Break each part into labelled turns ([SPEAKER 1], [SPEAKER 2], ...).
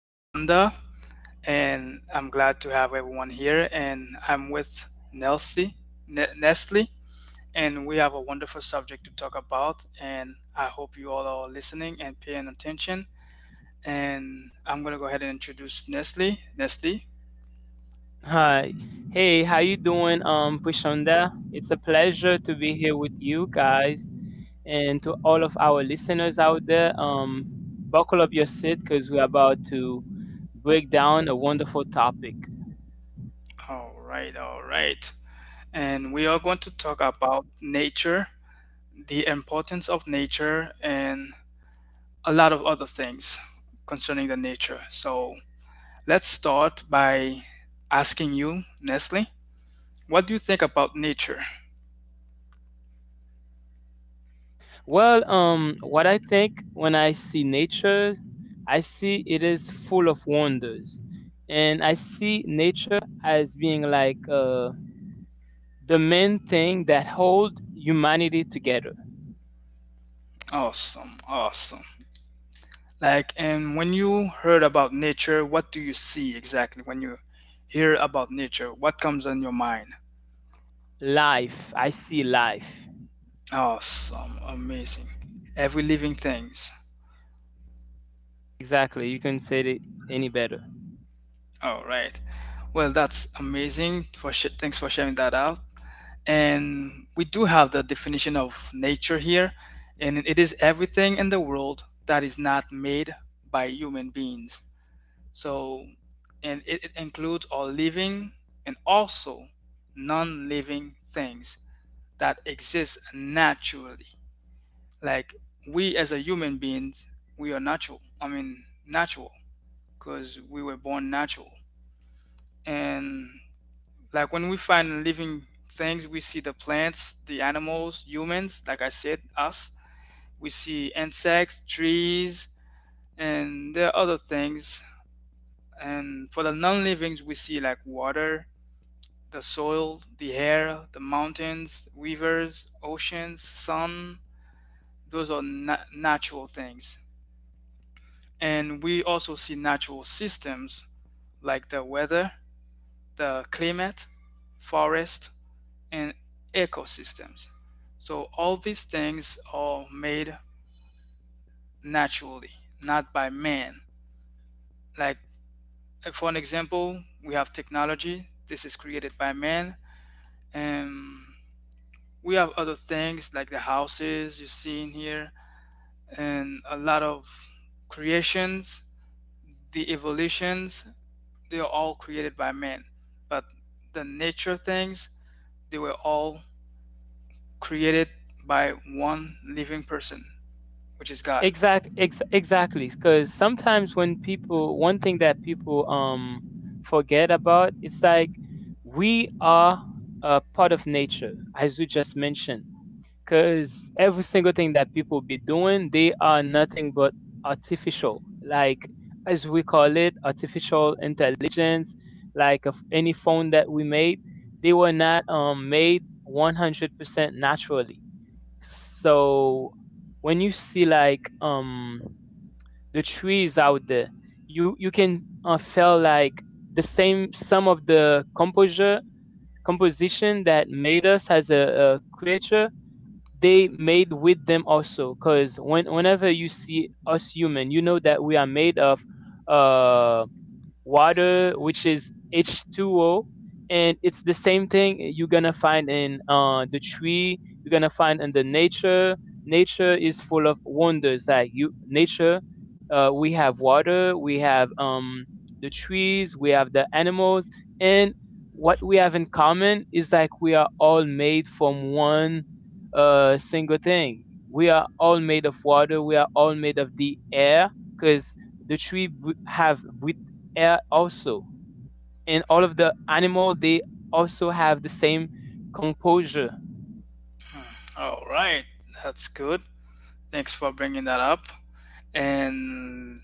[SPEAKER 1] Prashanda, and I'm glad to have everyone here. And I'm with Nelsie, Nestle, and we have a wonderful subject to talk about. And I hope you all are listening and paying attention. And I'm gonna go ahead and introduce Nestle. Nestle.
[SPEAKER 2] Hi. Hey, how you doing, Pushonda? It's a pleasure to be here with you guys and to all of our listeners out there. Buckle up your seat because we're about to break down a wonderful topic.
[SPEAKER 1] All right, all right. And we are going to talk about nature, the importance of nature, and a lot of other things concerning the nature. So let's start by asking you, Nestle, what do you think about nature?
[SPEAKER 2] What I think when I see nature, I see it is full of wonders, and I see nature as being the main thing that hold humanity together.
[SPEAKER 1] Awesome, awesome. Like, and when you heard about nature, what do you see exactly when you hear about nature? What comes on your mind?
[SPEAKER 2] Life, I see life.
[SPEAKER 1] Awesome, amazing. Every living things.
[SPEAKER 2] Exactly. You couldn't say it any better.
[SPEAKER 1] All right. Well, that's amazing. Thanks for sharing that out. And we do have the definition of nature here, and it is everything in the world that is not made by human beings. So, and it includes all living and also non-living things that exist naturally. Like we as a human beings, we are natural. I mean, natural because we were born natural and like when we find living things, we see the plants, the animals, humans, like I said, us. We see insects, trees, and there are other things. And for the non livings, we see like water, the soil, the air, the mountains, rivers, oceans, sun. Those are natural things. And we also see natural systems like the weather, the climate, forest, and ecosystems. So all these things are made naturally, not by man. Like, for an example, we have technology. This is created by man, and we have other things like the houses you see in here, and a lot of creations, the evolutions. They are all created by man, but the nature things, they were all created by one living person, which is God.
[SPEAKER 2] Exactly. Because sometimes when people, one thing that people forget about, it's like we are a part of nature, as you just mentioned. Because every single thing that people be doing, they are nothing but artificial. Like as we call it, artificial intelligence. Like of any phone that we made, they were not made 100% naturally. So when you see like the trees out there, you can feel like the same some of the composure composition that made us as a creature, they made with them also, because whenever you see us human, you know that we are made of uh water, which is H2O. And it's the same thing you're gonna find in the tree. You're gonna find in the nature. Nature is full of wonders. Like you, nature, we have water, we have the trees, we have the animals, and what we have in common is like we are all made from one single thing. We are all made of water. We are all made of the air, because the tree br- have breath air also, and all of the animal, they also have the same composure.
[SPEAKER 1] All right, that's good. Thanks for bringing that up. And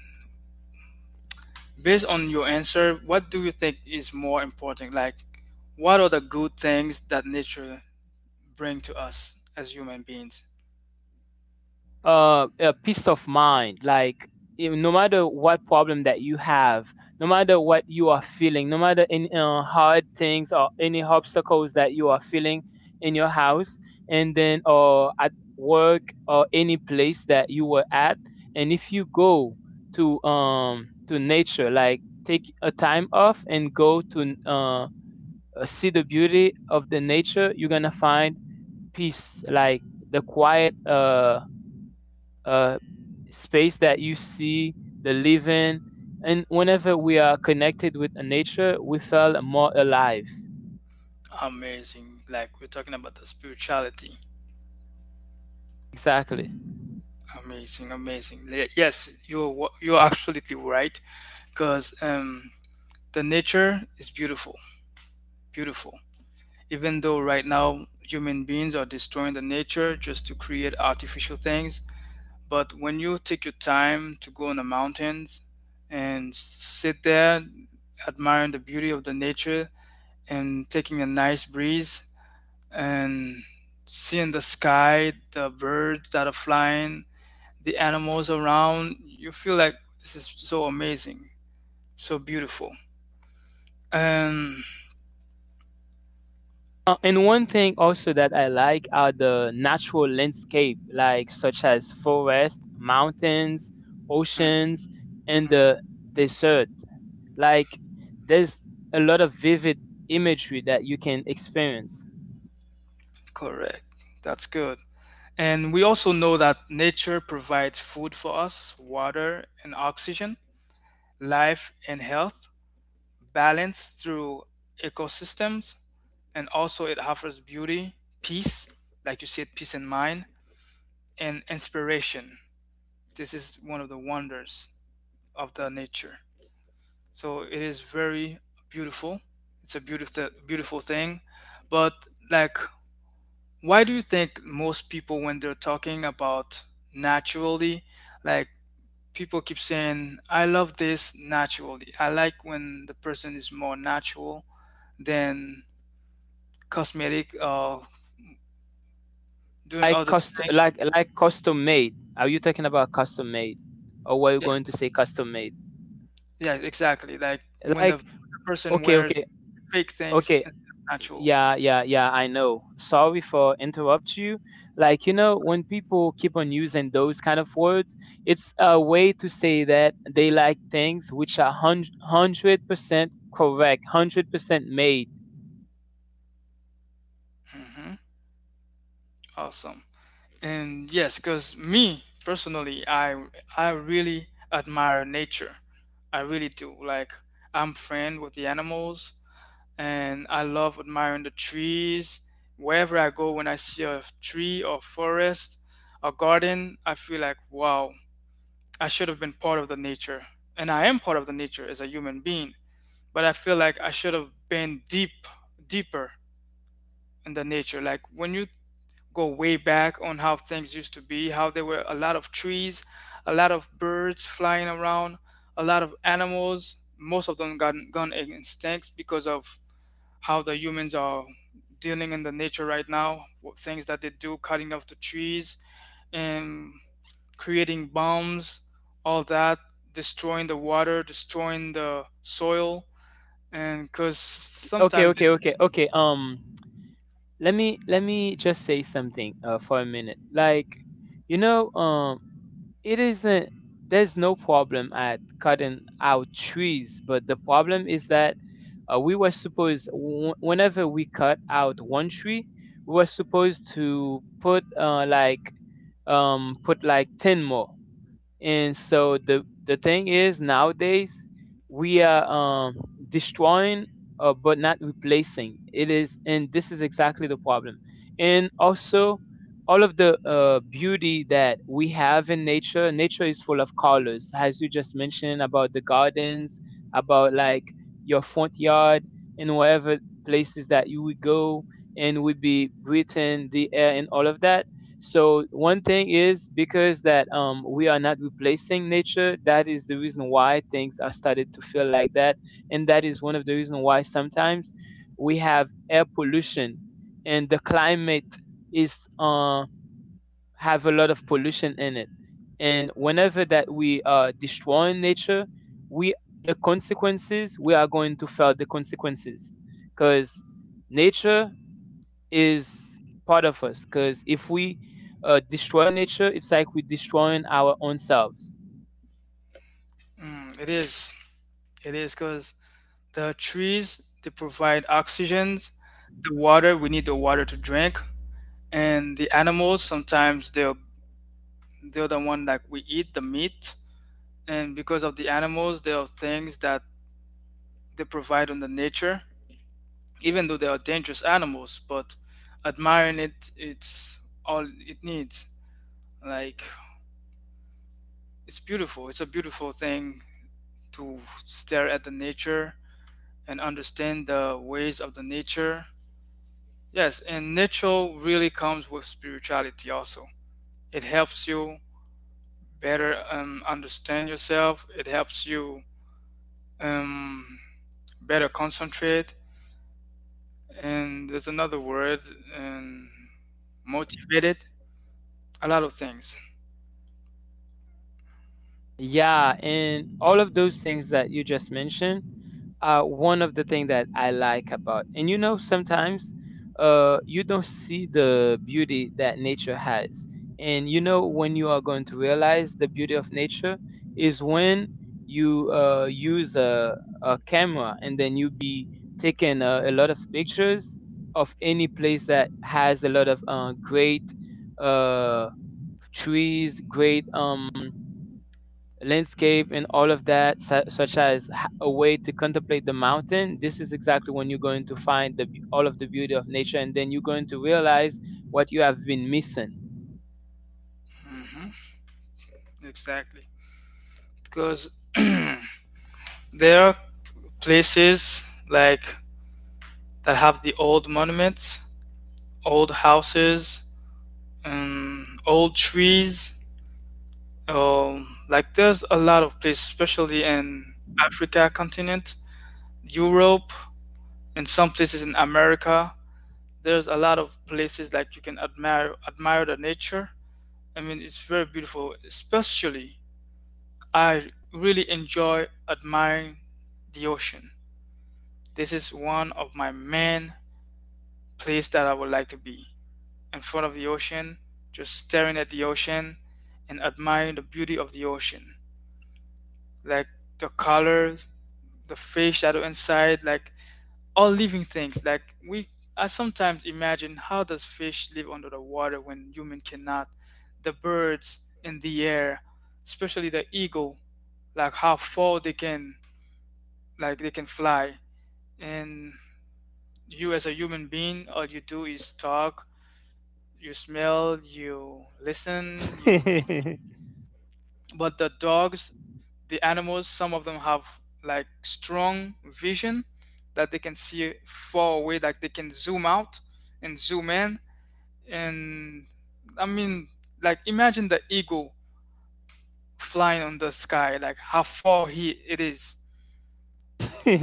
[SPEAKER 1] based on your answer, what do you think is more important? Like, what are the good things that nature bring to us as human beings?
[SPEAKER 2] Peace of mind. Like, no matter what problem that you have, no matter what you are feeling, no matter any hard things or any obstacles that you are feeling in your house, and then or at work or any place that you were at, and if you go to nature, like take a time off and go to see the beauty of the nature, you're gonna find peace, like the quiet uh, space that you see the living. And whenever we are connected with nature, we feel more alive.
[SPEAKER 1] Amazing. Like, we're talking about the spirituality.
[SPEAKER 2] Exactly.
[SPEAKER 1] Amazing, amazing. Yes, you're absolutely right. Cause the nature is beautiful, beautiful. Even though right now human beings are destroying the nature just to create artificial things. But when you take your time to go in the mountains and sit there admiring the beauty of the nature and taking a nice breeze and seeing the sky, the birds that are flying, the animals around, you feel like this is so amazing, so beautiful. And
[SPEAKER 2] And one thing also that I like are the natural landscape, like such as forest, mountains, oceans, and the desert. Like there's a lot of vivid imagery that you can experience.
[SPEAKER 1] correct. That's good. And we also know that nature provides food for us, water and oxygen, life and health, balance through ecosystems, and also it offers beauty, peace, like you said, peace in mind, and inspiration. This is one of the wonders of the nature. So it is very beautiful. It's a beautiful, beautiful thing. But, like, why do you think most people when they're talking about naturally, like, people keep saying I love this naturally, I like when the person is more natural than cosmetic, doing
[SPEAKER 2] Like
[SPEAKER 1] other
[SPEAKER 2] custom,
[SPEAKER 1] things.
[SPEAKER 2] like custom made. Are you talking about custom made? Or were you
[SPEAKER 1] Yeah,
[SPEAKER 2] going to say custom made?
[SPEAKER 1] yeah, exactly. Like when the,
[SPEAKER 2] Like,
[SPEAKER 1] the person wears fake things instead of natural.
[SPEAKER 2] yeah, yeah, yeah, I know. Sorry for interrupt you. Like, you know, when people keep on using those kind of words, it's a way to say that they like things which are 100% correct, 100% made.
[SPEAKER 1] Hmm. Awesome. And yes, because me personally, I really admire nature. I really do. Like, I'm friend with the animals, and I love admiring the trees. Wherever I go, when I see a tree or forest or garden, I feel like, wow, I should have been part of the nature. And I am part of the nature as a human being, but I feel like I should have been deep, deeper in the nature. Like when you go way back on how things used to be, how there were a lot of trees, a lot of birds flying around, a lot of animals. Most of them got gone extinct because of how the humans are dealing in the nature right now, what things that they do, cutting off the trees and creating bombs, all that, destroying the water, destroying the soil, and because
[SPEAKER 2] Okay,
[SPEAKER 1] sometimes,
[SPEAKER 2] okay, okay, okay. Let me let me just say something for a minute. Like, you know, it isn't, there's no problem at cutting out trees, but the problem is that we were supposed, whenever we cut out one tree, we were supposed to put like put like 10 more. And so the thing is nowadays we are destroying, but not replacing it, is and this is exactly the problem. And also, all of the beauty that we have in nature, nature is full of colors, as you just mentioned about the gardens, about like your front yard and whatever places that you would go and would be breathing the air and all of that. So one thing is because that we are not replacing nature. That is the reason why things are started to feel like that, and that is one of the reason why sometimes we have air pollution, and the climate is have a lot of pollution in it. And whenever that we are destroying nature, we, the consequences, we are going to feel the consequences, because nature is part of us, because if we destroy nature, it's like we're destroying our own selves.
[SPEAKER 1] mm, it is because the trees they provide oxygen, the water, we need the water to drink, and the animals sometimes they're the one that we eat the meat, and because of the animals there are things that they provide on the nature. Even though they are dangerous animals, but admiring it, it's all it needs. Like, it's beautiful. It's a beautiful thing to stare at the nature and understand the ways of the nature. Yes, and nature really comes with spirituality also. It helps you better understand yourself. It helps you um, better concentrate. And there's another word, um, motivated. A lot of things.
[SPEAKER 2] Yeah, and all of those things that you just mentioned are one of the things that I like about. And you know, sometimes you don't see the beauty that nature has. And you know when you are going to realize the beauty of nature is when you use a camera, and then you be taking a lot of pictures of any place that has a lot of great uh, trees, great landscape and all of that, such as a way to contemplate the mountain. This is exactly when you're going to find the, all of the beauty of nature, and then you're going to realize what you have been missing.
[SPEAKER 1] Hmm. Exactly, because there are places like that have the old monuments, old houses, old trees. Like, there's a lot of places, especially in Africa continent, Europe, and some places in America. There's a lot of places like you can admire the nature. I mean, it's very beautiful. Especially I really enjoy admiring the ocean. This is one of my main places that I would like to be, in front of the ocean, just staring at the ocean and admiring the beauty of the ocean, like the colors, the fish that are inside, like all living things. Like, we, I sometimes imagine how does fish live under the water when human cannot, the birds in the air, especially the eagle, like how far they can, like they can fly, and you as a human being, all you do is talk, you smell, you listen, you, but the dogs, the animals, some of them have like strong vision that they can see far away, like they can zoom out and zoom in. And, I mean, like, imagine the eagle flying on the sky, like how far he it is,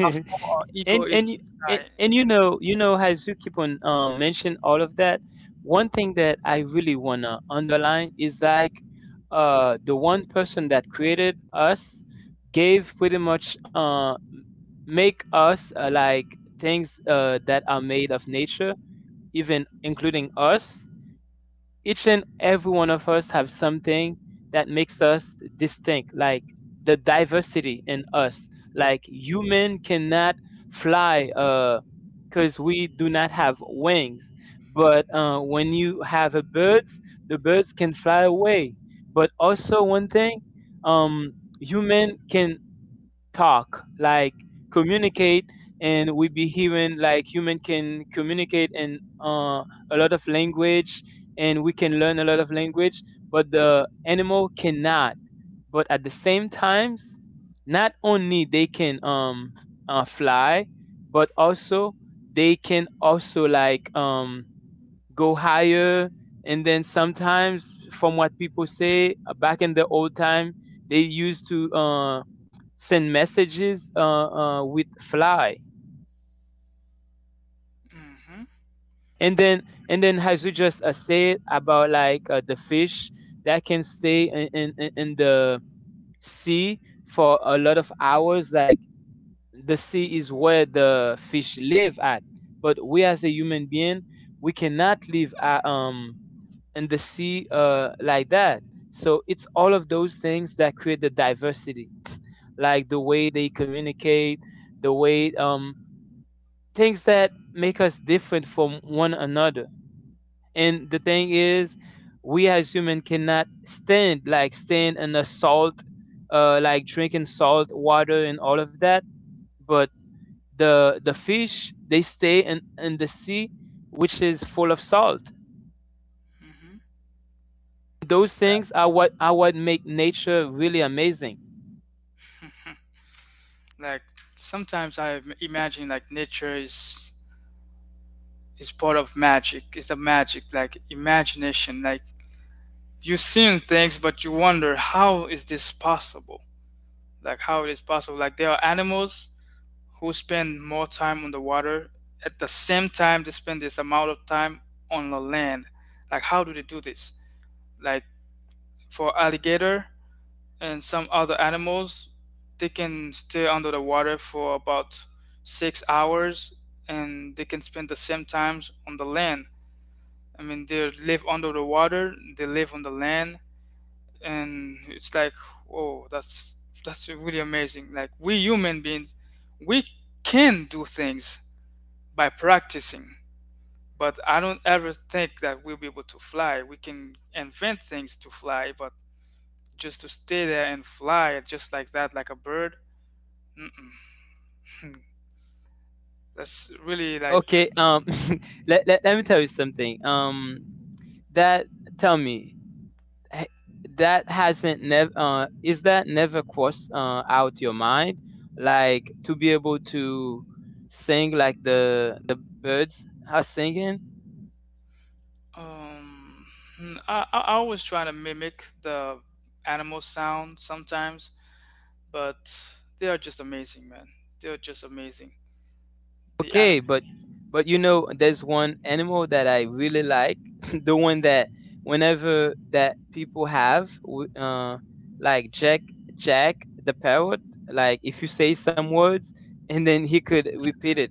[SPEAKER 1] how far our ego
[SPEAKER 2] and
[SPEAKER 1] is
[SPEAKER 2] and
[SPEAKER 1] on
[SPEAKER 2] you
[SPEAKER 1] the
[SPEAKER 2] and,
[SPEAKER 1] sky.
[SPEAKER 2] and you
[SPEAKER 1] Mm-hmm,
[SPEAKER 2] know, you know, as you keep on mention all of that, one thing that I really want to underline is like, the one person that created us gave pretty much make us like things that are made of nature, even including us. Each and every one of us have something that makes us distinct, like the diversity in us. Like, human cannot fly, uh because we do not have wings. But when you have a birds, the birds can fly away. But also one thing, um, human can talk, like communicate, and we be hearing like human can communicate in a lot of language, and we can learn a lot of language. But the animal cannot. But at the same times, not only they can fly, but also they can also like go higher. And then sometimes, from what people say, back in the old time, they used to send messages, with fly.
[SPEAKER 1] mm-hmm.
[SPEAKER 2] And then, and then as you just said about like the fish that can stay in the sea for a lot of hours. Like, the sea is where the fish live at, but we as a human being, we cannot live at, in the sea like that. So it's all of those things that create the diverse, like the way they communicate, the way things that make us different from one another. And the thing is, we as human cannot stand, like stand in the salt, like drinking salt water and all of that. But the fish, they stay in the sea, which is full of salt.
[SPEAKER 1] Mm-hmm.
[SPEAKER 2] Those
[SPEAKER 1] Yes.
[SPEAKER 2] things are what make nature really amazing.
[SPEAKER 1] Mhm. Like sometimes I imagine like nature is part of magic. It's the magic, like imagination. Like you're seeing things, but you wonder how is this possible? Like how it is possible? Like there are animals who spend more time on the water, at the same time they spend this amount of time on the land. Like how do they do this? Like for alligator, and some other animals, they can stay under the water for about 6 hours, and they can spend the same times on the land. I mean, they live under the water, they live on the land. And it's like, whoa, that's really amazing. Like we human beings, we can do things by practicing, but I don't ever think that we'll be able to fly. We can invent things to fly, but just to stay there and fly just like that, like a bird. Mm-mm. That's really like,
[SPEAKER 2] Okay. um let me tell you something. That Tell me, h- that hasn't never, is that never crossed out your mind, like, to be able to sing like the birds are singing?
[SPEAKER 1] um mm, I always try to mimic the animal sound sometimes, but they are just amazing, man. They are just amazing. The
[SPEAKER 2] Okay.
[SPEAKER 1] animal,
[SPEAKER 2] But you know, there's one animal that I really like, the one that whenever that people have, like Jack, Jack the parrot. Like if you say some words, and then he could repeat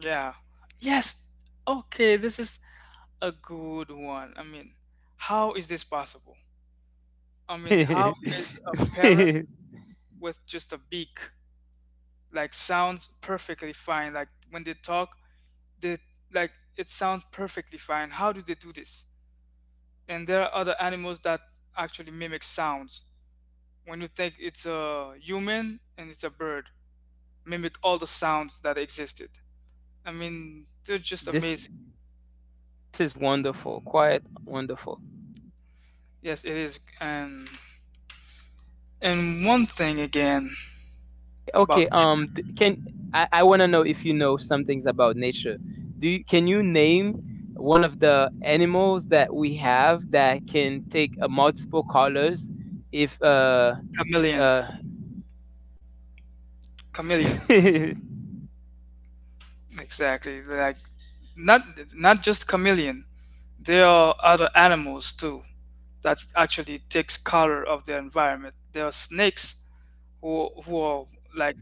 [SPEAKER 1] yeah. Yes. Okay, this is a good one. I mean, how is this possible? I mean, how
[SPEAKER 2] it.
[SPEAKER 1] is a parrot
[SPEAKER 2] This
[SPEAKER 1] with just a beak like sounds perfectly fine? Like when they talk, they, like, it sounds perfectly fine. How do they do this? And there are other animals that actually mimic sounds. When you think it's a human and it's a bird, mimic all the sounds that existed. I mean, they're just amazing.
[SPEAKER 2] is wonderful, quite wonderful.
[SPEAKER 1] Yes, it is. And one thing again about
[SPEAKER 2] Okay, can I want to know if you know some things about nature? Do you, can you name one of the animals that we have that can take a multi colors, if
[SPEAKER 1] chameleon,
[SPEAKER 2] uh
[SPEAKER 1] chameleon, exactly. Like not not just chameleon. There are other animals too that actually takes color of their environment. There are snakes who are like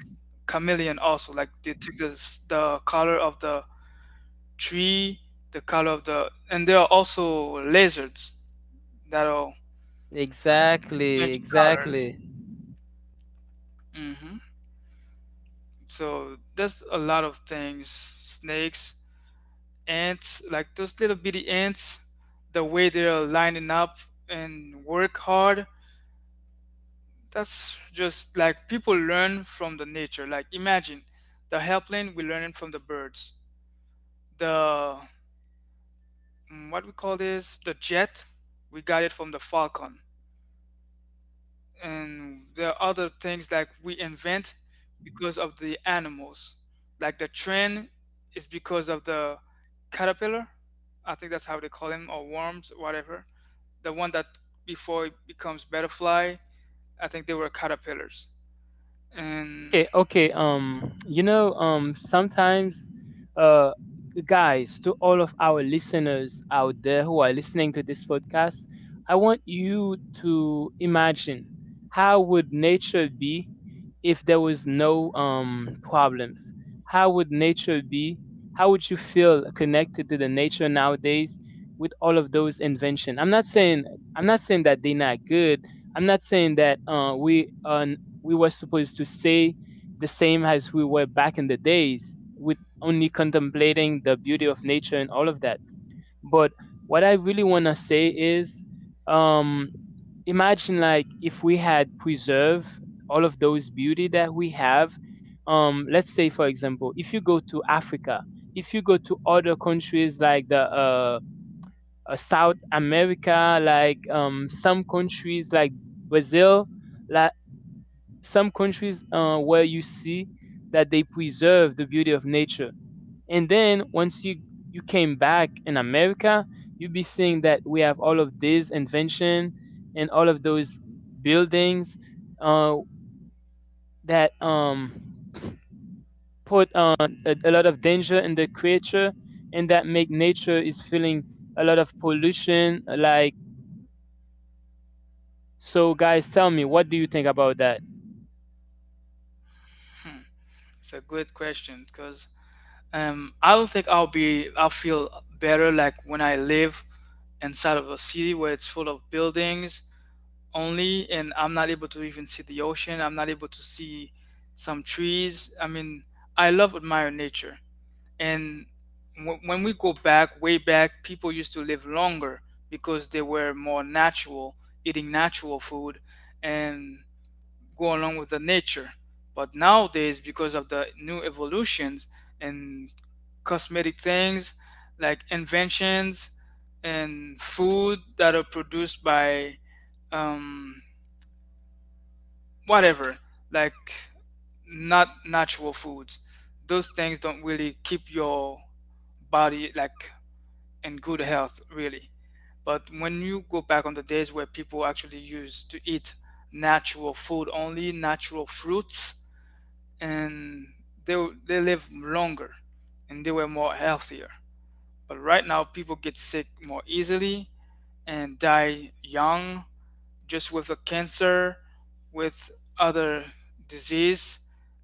[SPEAKER 1] chameleon also, like they took the color of the tree, the color of the, and there are also lizards that will
[SPEAKER 2] exactly,
[SPEAKER 1] change colors.
[SPEAKER 2] exactly.
[SPEAKER 1] Hmm. So there's a lot of things, snakes, ants, like those little bitty ants, the way they're lining up and work hard. That's just like people learn from the nature. Like, imagine the airplane, we learn it from the birds. The, what we call this, the jet, we got it from the falcon. And there are other things that we invent because of the animals. Like the train is because of the caterpillar, I think that's how they call them, or worms or whatever, the one that before it becomes butterfly, I think they were caterpillars. And
[SPEAKER 2] Okay, okay, you know, sometimes, uh guys, to all of our listeners out there who are listening to this podcast, I want you to imagine, how would nature be if there was no problems? How would nature be? How would you feel connected to the nature nowadays, all of those invention? I'm not saying, I'm not saying that they're not good. I'm not saying that we were supposed to stay the same as we were back in the days, only contemplating the beauty of nature and all of that. But what I really want to say is, um, imagine like if we had preserved all of those beauty that we have. Let's say, for example, if you go to Africa, if you go to other countries like the South America, like some countries like Brazil, like some countries where you see that they preserve the beauty of nature. And then once you came back in America, you be seeing that we have all of this invention and all of those buildings uh, that put a lot of danger in the creature, and that make nature is feeling a lot of pollution, like. So, guys, tell me, what do you think about that?
[SPEAKER 1] hmm, it's a good question, because I don't think I'll feel better like when I live inside of a city where it's full of buildings only, and I'm not able to even see the ocean. I'm not able to see some trees. I mean, I love admire nature. And when we go back, way back, people used to live longer because they were more natural, eating natural food and go along with the nature. But nowadays, because of the new evolutions and cosmetic things like inventions and food that are produced by um, whatever, like not natural foods, those things don't really keep your body like in good health, really. But when you go back on the days where people actually used to eat natural food only, natural fruits, and they they live longer and they were more healthier. But right now, people get sick more easily and die young, just with a cancer, with other disease,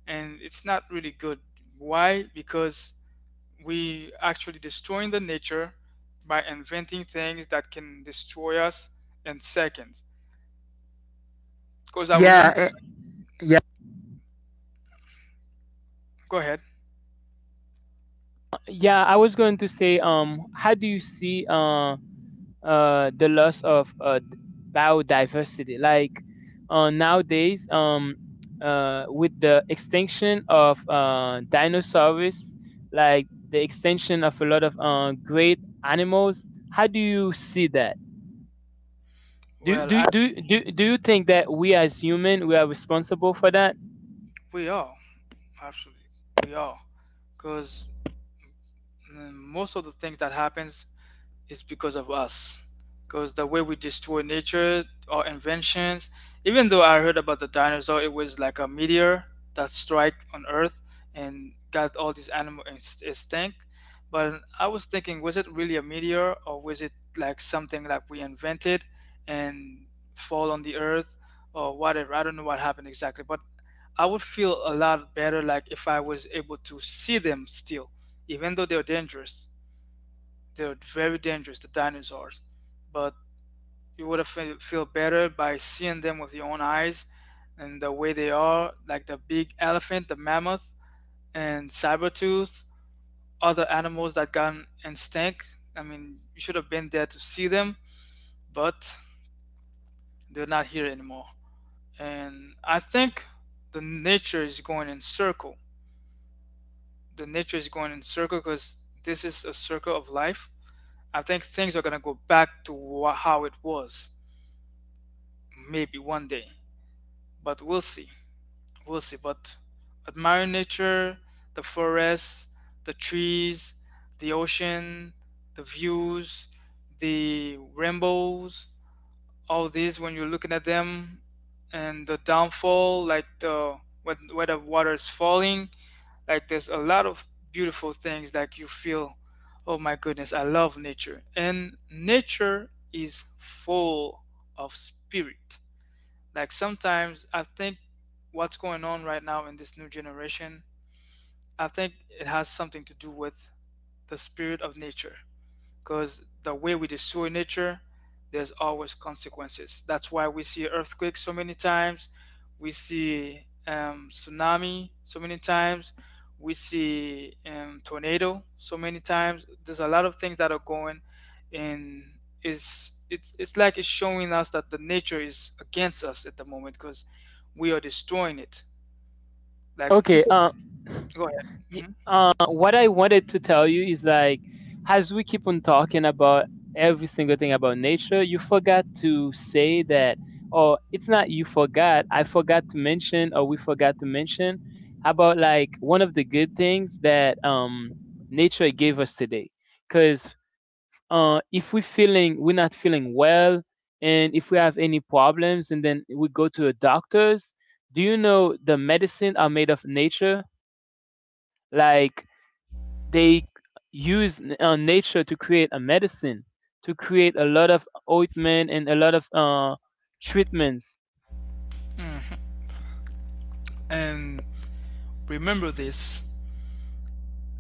[SPEAKER 1] and it's not really good. Why? Because we actually destroying the nature by inventing things that can destroy us in seconds. Because I
[SPEAKER 2] Yeah,
[SPEAKER 1] remember.
[SPEAKER 2] eh, yeah,
[SPEAKER 1] Go ahead.
[SPEAKER 2] yeah, I was going to say, how do you see the loss of biodiversity? Like, nowadays, with the extinction of dinosaurs, like the extinction of a lot of great animals, how do you see that? Do
[SPEAKER 1] Well, I
[SPEAKER 2] do do do you think that we as human we are responsible for that?
[SPEAKER 1] we all actually we all because most of the things that happens it's because of us. Because the way we destroy nature, our inventions, even though I heard about the dinosaur, it was like a meteor that strike on Earth and got all these animal extinct. But I was thinking, was it really a meteor or was it like something like we invented and fall on the Earth or whatever? I don't know what happened exactly, but I would feel a lot better like if I was able to see them still, even though they're dangerous, they're very dangerous, the dinosaurs. But you would have feel better by seeing them with your own eyes and the way they are, like the big elephant, the mammoth, and saber tooth, other animals that got extinct. I mean, you should have been there to see them, but they're not here anymore. And I think the nature is going in circle. The nature is going in circle because this is a circle of life. I think things are gonna go back to how it was maybe one day, but we'll see. We'll see. But admire nature, the forests, the trees, the ocean, the views, the rainbows, all these when you're looking at them and the downfall, like the when, where the water is falling, like there's a lot of beautiful things like you feel, oh my goodness, I love nature. And nature is full of spirit. Like sometimes I think what's going on right now in this new generation, I think it has something to do with the spirit of nature because the way we destroy nature, there's always consequences. That's why we see earthquakes so many times, we see tsunami so many times, we see tornado so many times. There's a lot of things that are going, and it's like it's showing us that the nature is against us at the moment because we are destroying it. Like
[SPEAKER 2] Okay,
[SPEAKER 1] people,
[SPEAKER 2] uh
[SPEAKER 1] go ahead.
[SPEAKER 2] What I wanted to tell you is like, as we keep on talking about every single thing about nature, you forgot to say that, or it's not you forgot, I forgot to mention, or we forgot to mention about like one of the good things that nature gave us today. Because if we feeling we're not feeling well, and if we have any problems, and then we go to a doctor's, do you know the medicine are made of nature? Like they use nature to create a medicine, to create a lot of ointment and a lot of treatments.
[SPEAKER 1] Hmm. And remember this.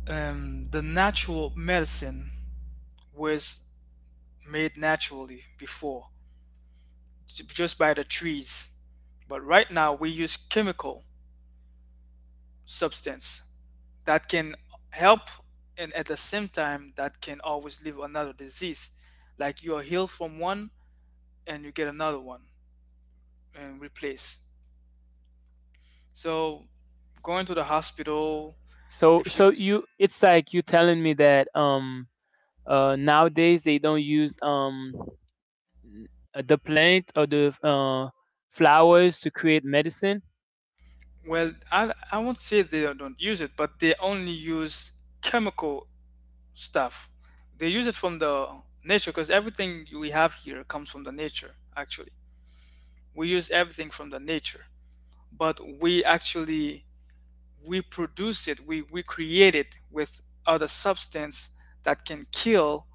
[SPEAKER 1] The natural medicine was made naturally before just by the trees, but right now we use chemical substance that can help and at the same time that can always leave another disease like you are healed from one and you get another one and replace, so going to the hospital
[SPEAKER 2] So,
[SPEAKER 1] if you.
[SPEAKER 2] so you, it's like you telling me that nowadays they don't use n- the plant or the flowers to create medicine?
[SPEAKER 1] Well, I won't say they don't use it, but they only use chemical stuff. They use it from the nature because everything we have here comes from the nature, actually. We use everything from the nature, but we produce it, we create it with other substance that can kill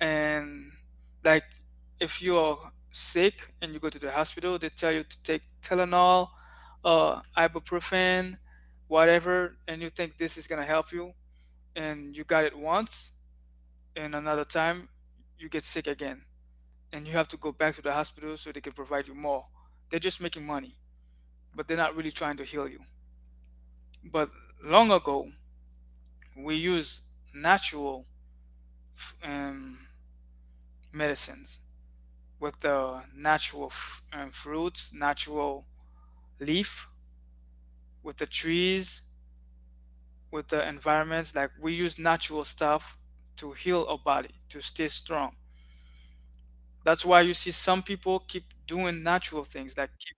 [SPEAKER 1] and like if you're sick and you go to the hospital, they tell you to take Tylenol, ibuprofen, whatever, and you think this is gonna help you, and you got it once, and another time you get sick again and you have to go back to the hospital so they can provide you more. They're just making money, but they're not really trying to heal you. But long ago, we used natural um, medicines with the natural fruits, natural leaf, with the trees, with the environments. Like we use natural stuff to heal our body, to stay strong. That's why you see some people keep doing natural things, like keep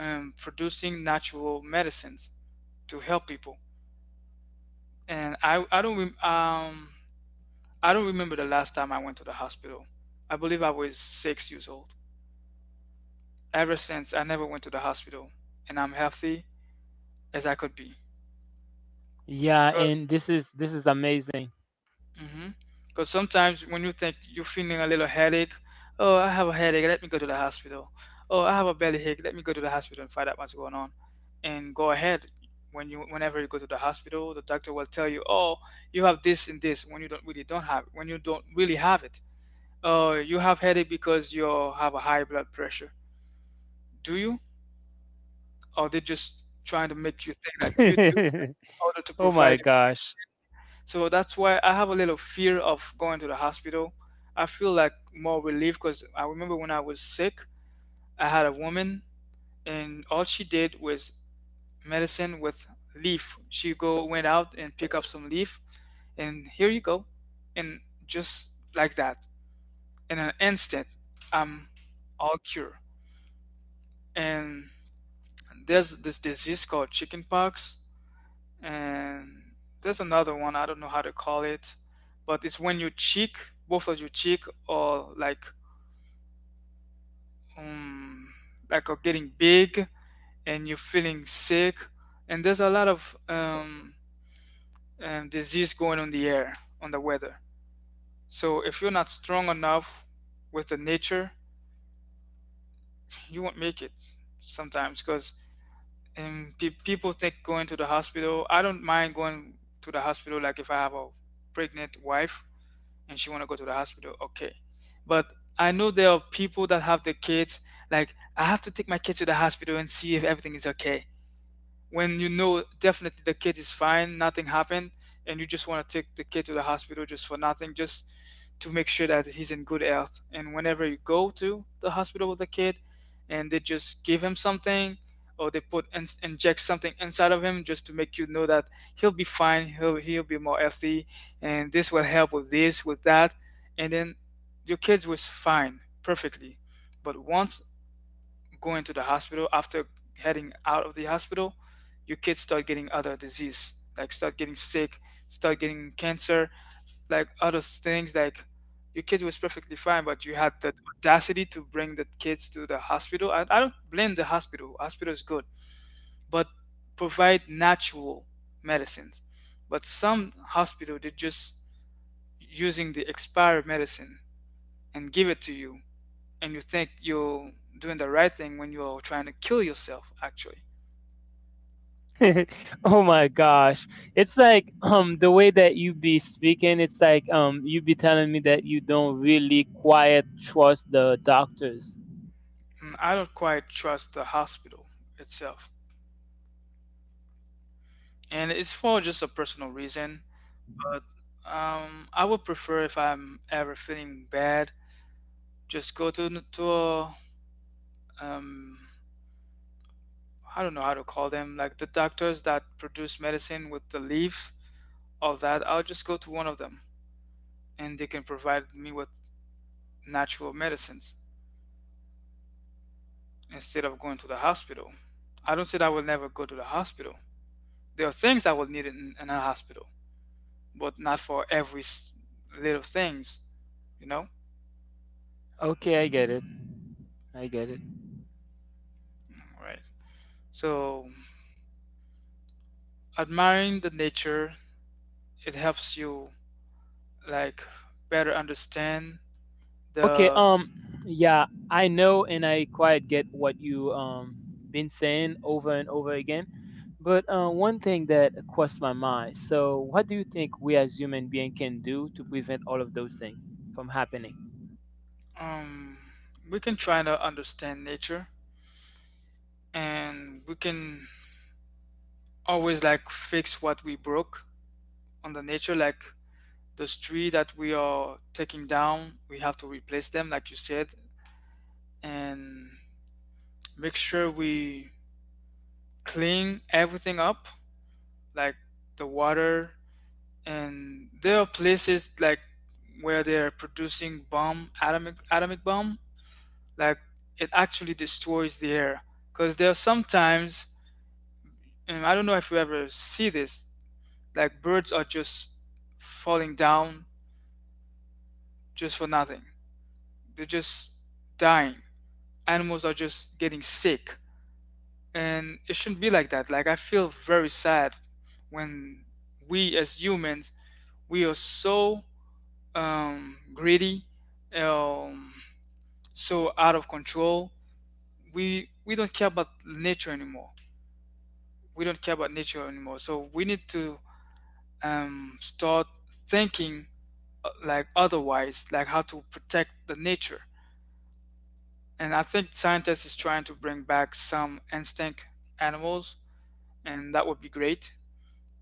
[SPEAKER 1] producing natural medicines to help people. And I don't rem- I don't remember the last time I went to the hospital. I believe I was 6 years old. Ever since, I never went to the hospital, and I'm healthy as I could be.
[SPEAKER 2] Yeah, and this is amazing.
[SPEAKER 1] Because sometimes when you think you're feeling a little headache, oh, I have a headache, let me go to the hospital. Oh, I have a bellyache, let me go to the hospital and find out what's going on. And go ahead. Whenever you go to the hospital, the doctor will tell you, oh, you have this and this when you don't really don't have it, when you don't really have it. Oh, you have headache because you have a high blood pressure. Do you? Or they just trying to make you think that you do in order to
[SPEAKER 2] Oh my
[SPEAKER 1] provide.
[SPEAKER 2] gosh.
[SPEAKER 1] So that's why I have a little fear of going to the hospital. I feel like more relief because I remember when I was sick, I had a woman and all she did was medicine with leaf. She go went out and pick up some leaf and here you go. And just like that, in an instant, I'm all cured. And there's this disease called chickenpox. And there's another one I don't know how to call it, but it's when your cheek, both of your cheek, are um like are getting big and you're feeling sick, and there's a lot of disease going on the air on the weather. So if you're not strong enough with the nature, you won't make it sometimes because, and people think going to the hospital. I don't mind going to the hospital like if I have a pregnant wife and she want to go to the hospital, okay, but I know there are people that have their kids, like I have to take my kids to the hospital and see if everything is okay when you know definitely the kid is fine, nothing happened, and you just want to take the kid to the hospital just for nothing, just to make sure that he's in good health. And whenever you go to the hospital with the kid and they just give him something or they inject something inside of him just to make you know that he'll be fine, he'll be more healthy and this will help with this, with that. And then your kids was fine perfectly. But once going to the hospital, after heading out of the hospital, your kids start getting other disease, like start getting sick, start getting cancer, like other things, like your kid was perfectly fine but you had the audacity to bring the kids to the hospital. I don't blame the hospital. Hospital is good, but provide natural medicines. But some hospital they're just using the expired medicine and give it to you and you think you're doing the right thing when you're trying to kill yourself, actually.
[SPEAKER 2] Oh my gosh. It's like the way that you be speaking, it's like you be telling me that you don't really quiet trust the doctors.
[SPEAKER 1] Mm, I don't quite trust the hospital itself. And it's for just a personal reason, but I would prefer if I'm ever feeling bad, just go to, to a, um, I don't know how to call them, like the doctors that produce medicine with the leaves, all that. I'll just go to one of them and they can provide me with natural medicines, instead of going to the hospital. I don't say that I will never go to the hospital. There are things I will need in a hospital, but not for every little things, you know?
[SPEAKER 2] Okay, I get it. I get it.
[SPEAKER 1] Right. So admiring the nature, it helps you like better understand
[SPEAKER 2] Okay,
[SPEAKER 1] the.
[SPEAKER 2] yeah, I know and I quite get what you been saying over and over again. But one thing that crossed my mind. So, what do you think we as human being can do to prevent all of those things from happening?
[SPEAKER 1] um we can try to understand nature and we can always like fix what we broke on the nature, like this tree that we are taking down we have to replace them like you said, and make sure we clean everything up, like the water. And there are places like where they're producing bomb, atomic bomb, like it actually destroys the air. Because there are sometimes, and I don't know if you ever see this, like birds are just falling down just for nothing. They're just dying. Animals are just getting sick, and it shouldn't be like that. Like, I feel very sad when we as humans, we are so greedy, um so out of control. We don't care about nature anymore. We don't care about nature anymore, so we need to start thinking, like, otherwise, like, how to protect the nature. And I think scientists is trying to bring back some instinct animals, and that would be great.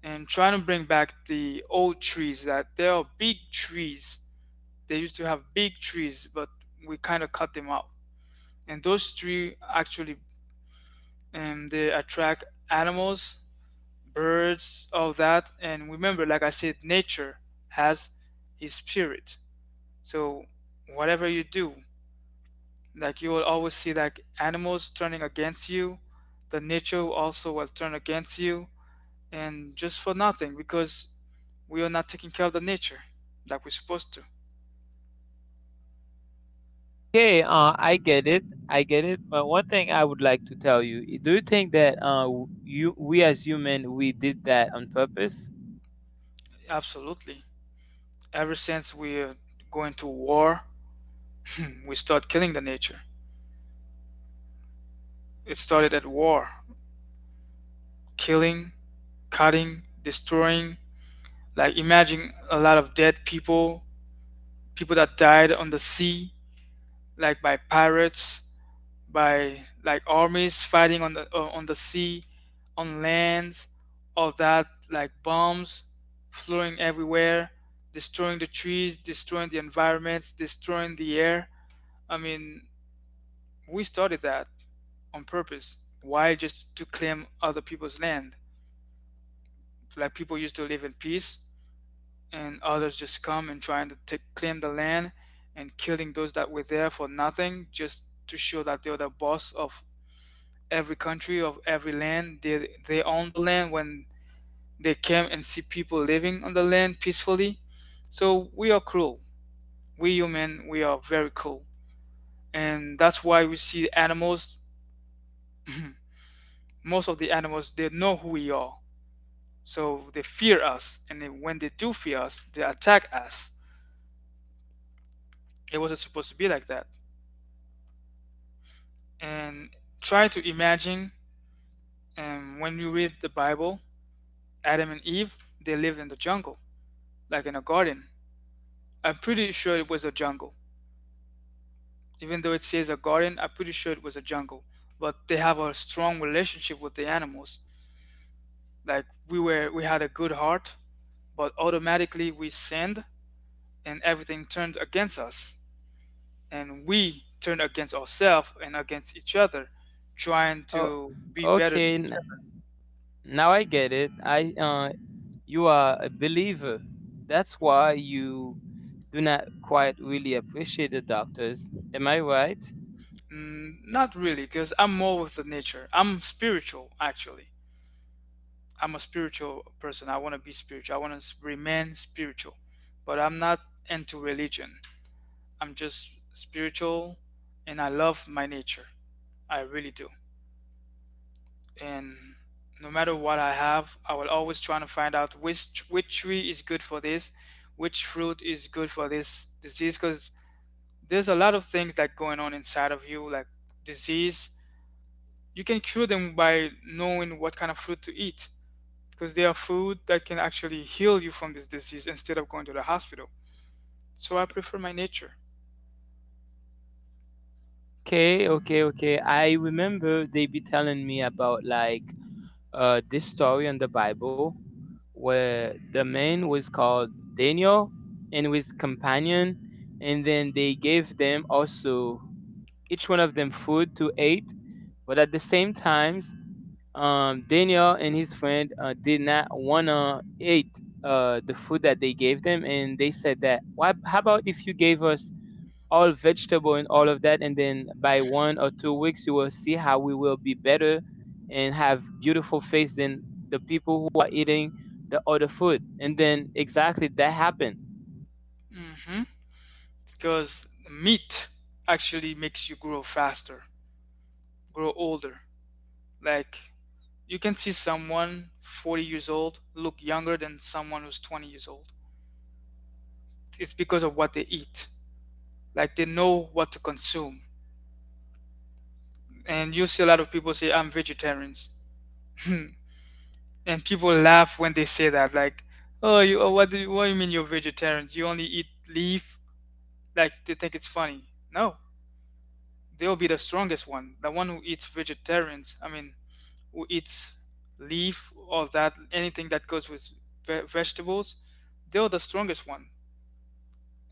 [SPEAKER 1] And trying to bring back the old trees, that there are big trees. They used to have big trees, but we kind of cut them off. And those trees actually, they attract animals, birds, all that. And remember, like I said, nature has his spirit. So whatever you do, like, you will always see like animals turning against you. The nature also will turn against you, and just for nothing, because we are not taking care of the nature like we're supposed to.
[SPEAKER 2] Okay, I get it. I get it. But one thing I would like to tell you, do you think that you we as human we did that on purpose?
[SPEAKER 1] Absolutely. Ever since we're going to war, we start killing the nature. It started at war, killing, cutting, destroying. Like, imagine a lot of dead people, people that died on the sea, like by pirates. By like armies fighting on the sea, on lands, all that, like bombs flowing everywhere, destroying the trees, destroying the environments, destroying the air. I mean, we started that on purpose. Why? Just to claim other people's land? Like, people used to live in peace, and others just come and trying to take, claim the land and killing those that were there for nothing, just to show that they're the boss of every country, of every land. They own the land when they came and see people living on the land peacefully. So we are cruel. We human, we are very cruel. And that's why we see animals, most of the animals, they know who we are, so they fear us. And then when they do fear us, they attack us. It wasn't supposed to be like that. And try to imagine, when you read the Bible, Adam and Eve, they lived in the jungle, like in a garden. I'm pretty sure it was a jungle. Even though it says a garden, I'm pretty sure it was a jungle. But they have a strong relationship with the animals. Like, we had a good heart, but automatically we sinned, and everything turned against us, and we turned against ourselves and against each other, trying
[SPEAKER 2] Oh,
[SPEAKER 1] to be better than
[SPEAKER 2] okay.
[SPEAKER 1] each
[SPEAKER 2] n- Now I get it. I You are a believer. That's why you do not quite really appreciate the doctors. Am I right?
[SPEAKER 1] other. Mm, not really, because I'm more with the nature. I'm spiritual, actually. I'm a spiritual person. I want to be spiritual. I want to remain spiritual, but I'm not into religion. I'm just spiritual, and I love my nature. I really do. And no matter what I have, I will always try to find out which tree is good for this, which fruit is good for this disease, cuz there's a lot of things that going on inside of you, like disease. You can cure them by knowing what kind of fruit to eat, because there are food that can actually heal you from this disease instead of going to the hospital. So I prefer my nature.
[SPEAKER 2] Okay, okay, okay. I remember they be telling me about like this story in the Bible where the man was called Daniel and with companion, and then they gave them also each one of them food to eat, but at the same times, Daniel and his friend did not want to eat the food that they gave them, and they said that, why how about if you gave us all vegetable and all of that, and then by 1 or 2 weeks you will see how we will be better and have beautiful face than people who are eating the other food, and then exactly that happened.
[SPEAKER 1] Mhm. Because meat actually makes you grow faster, grow older. Like, you can see someone 40 years old look younger than someone who's 20 years old. It's because of what they eat. Like, they know what to consume. And you see a lot of people say I'm vegetarians. And people laugh when they say that, like, "Oh, you, oh, what do you mean you're vegetarians? You only eat leaf?" Like, they think it's funny. No. They'll be the strongest one, the one who eats vegetarians. I mean, its leaf or that, anything that goes with vegetables, they're the strongest one,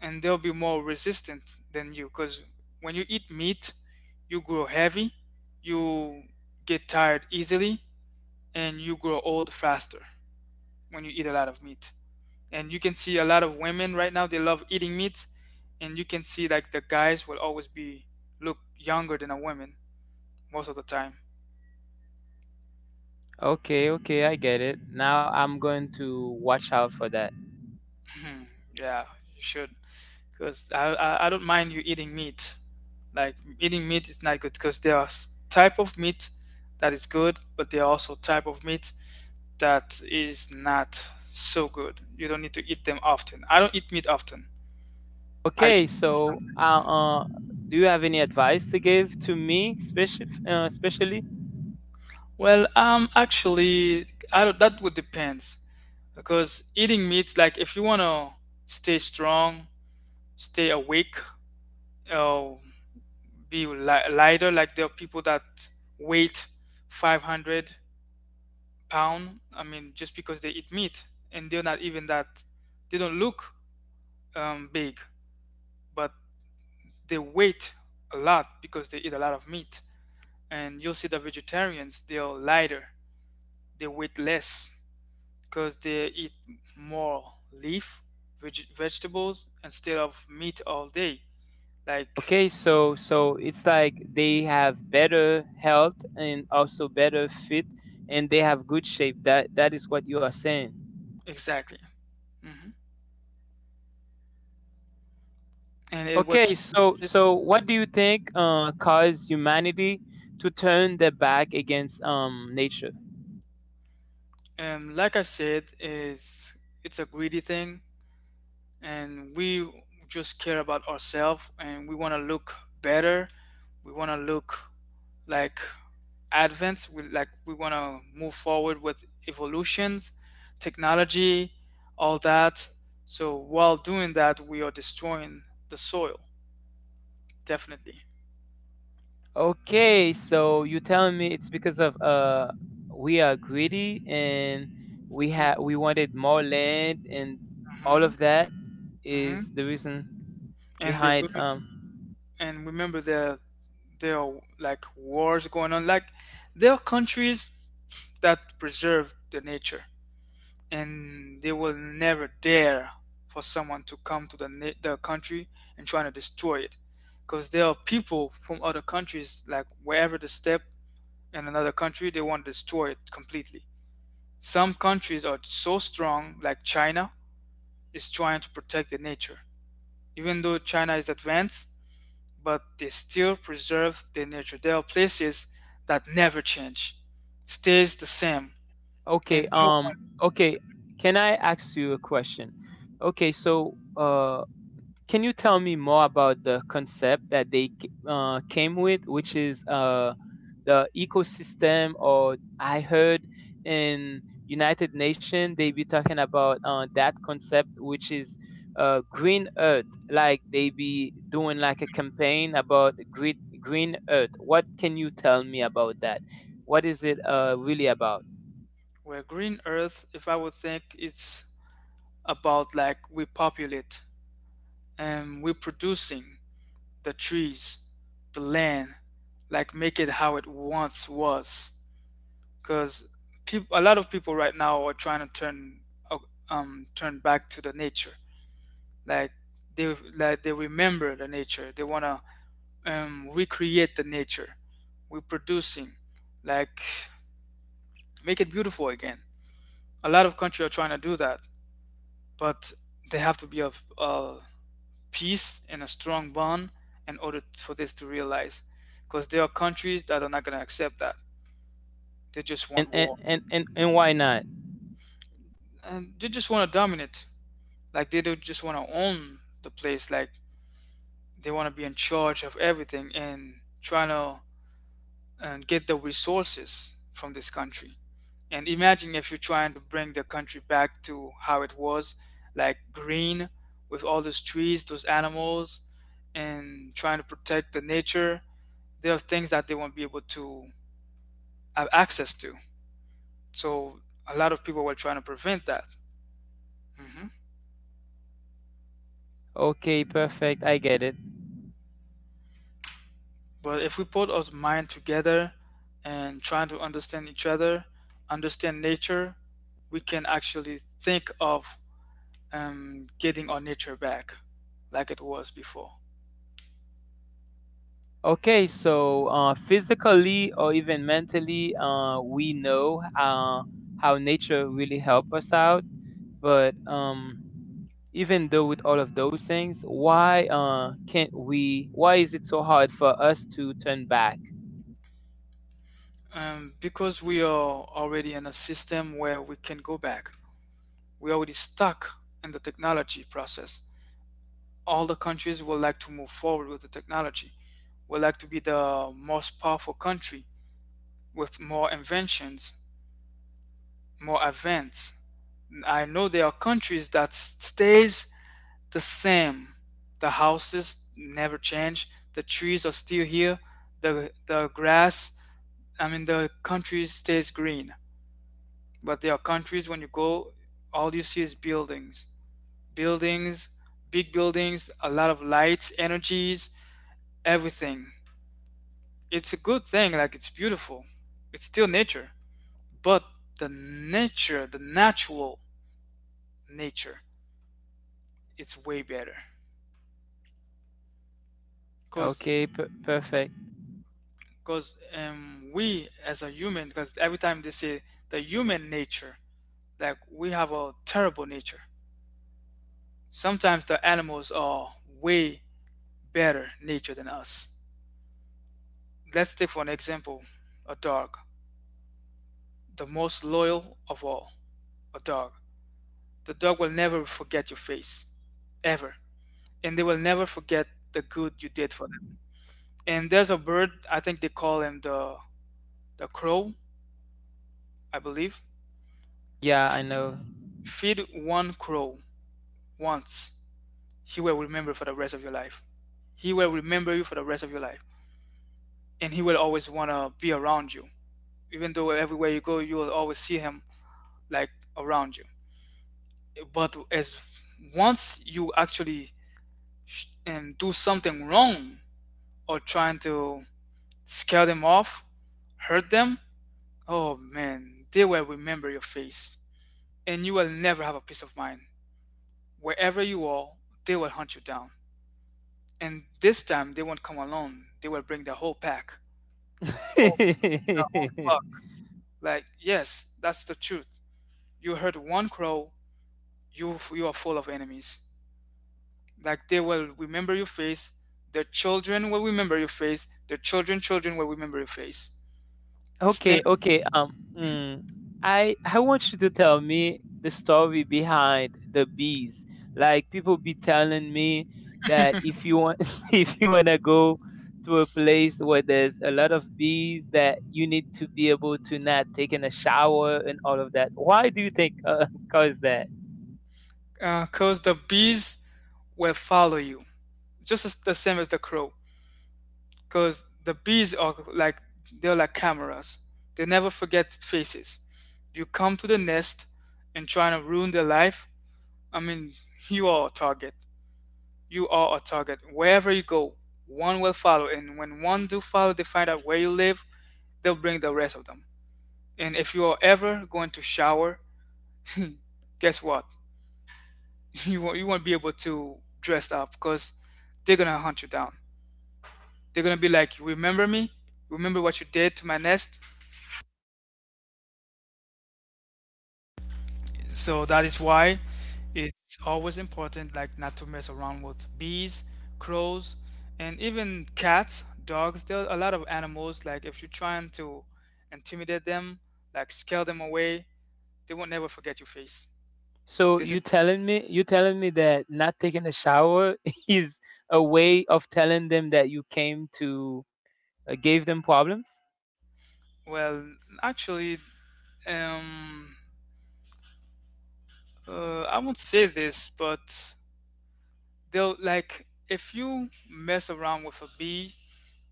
[SPEAKER 1] and they'll be more resistant than you, because when you eat meat, you grow heavy, you get tired easily, and you grow old faster when you eat a lot of meat. And you can see a lot of women right now, they love eating meat. And you can see like the guys will always be look younger than a woman, most of the time.
[SPEAKER 2] Okay, okay, I get it. Now I'm going to watch out for that.
[SPEAKER 1] Yeah, you should, because I don't mind you eating meat. Like, eating meat is not good, because there are type of meat that is good, but there are also type of meat that is not so good. You don't need to eat them often. I don't eat meat often. I
[SPEAKER 2] Okay,
[SPEAKER 1] eat
[SPEAKER 2] so
[SPEAKER 1] sometimes.
[SPEAKER 2] do you have any advice to give to me, especially especially?
[SPEAKER 1] Well, actually, I don't, that would depends, because eating meat, like, if you wanna stay strong, stay awake, or be lighter, like, there are people that weight 500 pounds. I mean, just because they eat meat, and they're not even that, they don't look big, but they weight a lot because they eat a lot of meat. And you'll see the vegetarians, they're lighter, they weight less because they eat more leaf, vegetables instead of meat all day. Like,
[SPEAKER 2] Okay, so so it's like they have better health and also better fit, and they have good shape. That that is what you are saying.
[SPEAKER 1] exactly. Hmm. And it will
[SPEAKER 2] Okay,
[SPEAKER 1] keep you
[SPEAKER 2] so,
[SPEAKER 1] consistent.
[SPEAKER 2] so what do you think caused humanity to turn their back against nature?
[SPEAKER 1] Like I said, is it's a greedy thing, and we just care about ourselves, and we want to look better, we want to look, like, advanced. We want to move forward with evolutions, technology, all that. So while doing that, we are destroying the soil, definitely.
[SPEAKER 2] Okay, so you telling me it's because of we are greedy and we
[SPEAKER 1] Hmm.
[SPEAKER 2] wanted more land, and all of that is
[SPEAKER 1] Hmm.
[SPEAKER 2] the reason
[SPEAKER 1] And the,
[SPEAKER 2] behind
[SPEAKER 1] women- And remember, there are like wars going on. Like, there are countries that preserve the nature, and they will never dare for someone to come to the their country and trying to destroy it. Because there are people from other countries, like, wherever they step in another country, they want to destroy it completely. Some countries are so strong, like China is trying to protect the nature. Even though China is advanced, but they still preserve their nature. There are places that never change, stays the same. And
[SPEAKER 2] okay
[SPEAKER 1] no.
[SPEAKER 2] um okay. Can I ask you a question? Okay, so can you tell me more about the concept that they came with, which is the ecosystem? Or I heard in United Nations they be talking about that concept, which is green earth. Like they be doing like a campaign about green earth. What can you tell me about that? What is it really about?
[SPEAKER 1] Where green earth, if I would think, it's about, like, we populate and we are producing the trees, the land, like make it how it once was. Because people, a lot of people right now are trying to turn uh, turn back to the nature. Like, they like they remember the nature. They wanna recreate the nature. We're producing, like, make it beautiful again. A lot of countries are trying to do that, but they have to be of peace and a strong bond in order for this to realize. Because there are countries that are not going to accept that. They just
[SPEAKER 2] And
[SPEAKER 1] want
[SPEAKER 2] and,
[SPEAKER 1] war.
[SPEAKER 2] and and and why not?
[SPEAKER 1] And they just want to dominate. Like, they don't just want to own the place. Like, they want to be in charge of everything and trying to and get the resources from this country. And imagine if you're trying to bring the country back to how it was, like green, with all those trees, those animals, and trying to protect the nature, there are things that they won't be able to have access to. So a lot of people were trying to prevent that. Hmm.
[SPEAKER 2] Okay, perfect. I get it.
[SPEAKER 1] But if we put our mind together and trying to understand each other, understand nature, we can actually think of getting our nature back like it was before.
[SPEAKER 2] Okay, so physically or even mentally, we know how nature really help us out. But even though with all of those things, why can't we? Why is it so hard for us to turn back?
[SPEAKER 1] Because we are already in a system where we can go back. We're already stuck in the technology process. All the countries would like to move forward with the technology, would like to be the most powerful country with more inventions, more advance. I know there are countries that stays the same. The houses never change. The trees are still here. The grass, I mean, the country stays green. But there are countries when you go, all you see is buildings, buildings, big buildings, a lot of lights, energies, everything. It's a good thing, like, it's beautiful, it's still nature, but the nature, the natural nature, it's way better. because
[SPEAKER 2] Okay, perfect.
[SPEAKER 1] because we as a human, because every time they say the human nature, like we have a terrible nature. Sometimes the animals are way better nature than us. Let's take for an example a dog, the most loyal of all. A dog, the dog will never forget your face, ever. And they will never forget the good you did for them. And there's a bird, I think they call him the crow, I believe.
[SPEAKER 2] Yeah, I know.
[SPEAKER 1] Feed one crow once, he will remember for the rest of your life. He will remember you for the rest of your life, and he will always want to be around you. Even though everywhere you go, you will always see him, like, around you. But as once you actually sh- and do something wrong or trying to scare them off, hurt them, oh man, they will remember your face, and you will never have a peace of mind. Wherever you are, they will hunt you down. And this time they won't come alone. They will bring the whole pack. Oh, the whole flock. Like, yes, that's the truth. You heard one crow, you are full of enemies. Like, they will remember your face. Their children will remember your face. Their children children will remember your face. Same.
[SPEAKER 2] Okay, okay. Mm, I want you to tell me the story behind the bees. Like people be telling me that if you want if you wanna go to a place where there's a lot of bees, that you need to be able to not taking a shower and all of that. Why do you think cause that?
[SPEAKER 1] Cause the bees will follow you, just as the same as the crow. Because the bees are like, they're like cameras. They never forget faces. You come to the nest and trying to ruin their life. I mean, you are a target. You are a target. Wherever you go, one will follow. And when one do follow, they find out where you live. They'll bring the rest of them. And if you are ever going to shower, guess what? You won't be able to dress up because they're gonna hunt you down. They're gonna be like, "Remember me? Remember what you did to my nest?" So that is why it's always important, like, not to mess around with bees, crows, and even cats, dogs. There are a lot of animals, like, if you're trying to intimidate them, like scare them away, they will never forget your face.
[SPEAKER 2] So
[SPEAKER 1] This
[SPEAKER 2] you
[SPEAKER 1] is,
[SPEAKER 2] telling me you telling me that not taking a shower is a way of telling them that you came to gave them problems?
[SPEAKER 1] well, actually, um, I won't say this, but they'll, like, if you mess around with a bee,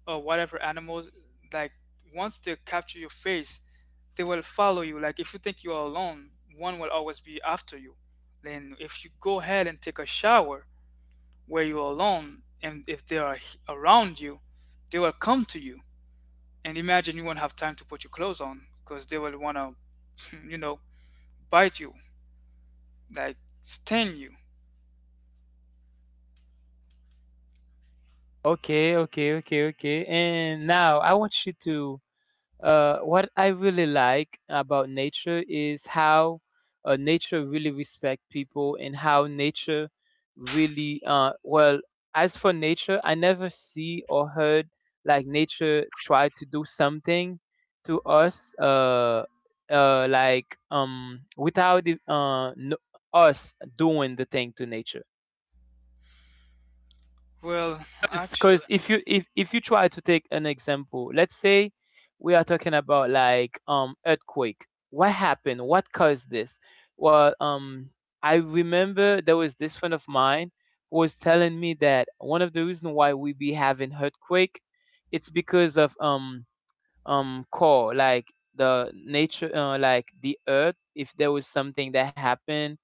[SPEAKER 1] or whatever animals, like, once they capture your face, they will follow you. Like, if you think you are alone, one will always be after you. Then if you go ahead and take a shower where you're alone, and if they are around you, they will come to you. And imagine, you won't have time to put your clothes on because they will want to you know bite you, like sting you.
[SPEAKER 2] Okay, okay, okay, okay. And now I want you to what I really like about nature is how nature really respect people, and how nature really well. As for nature, I never see or heard like nature try to do something to us, without it, no, us doing the thing to nature.
[SPEAKER 1] Well, actually,
[SPEAKER 2] Because you if you try to take an example, let's say we are talking about like earthquake. What happened? What caused this? Well, I remember there was this friend of mine who was telling me that one of the reasons why we be having earthquake, it's because of core like the nature like the earth, if there was something that happened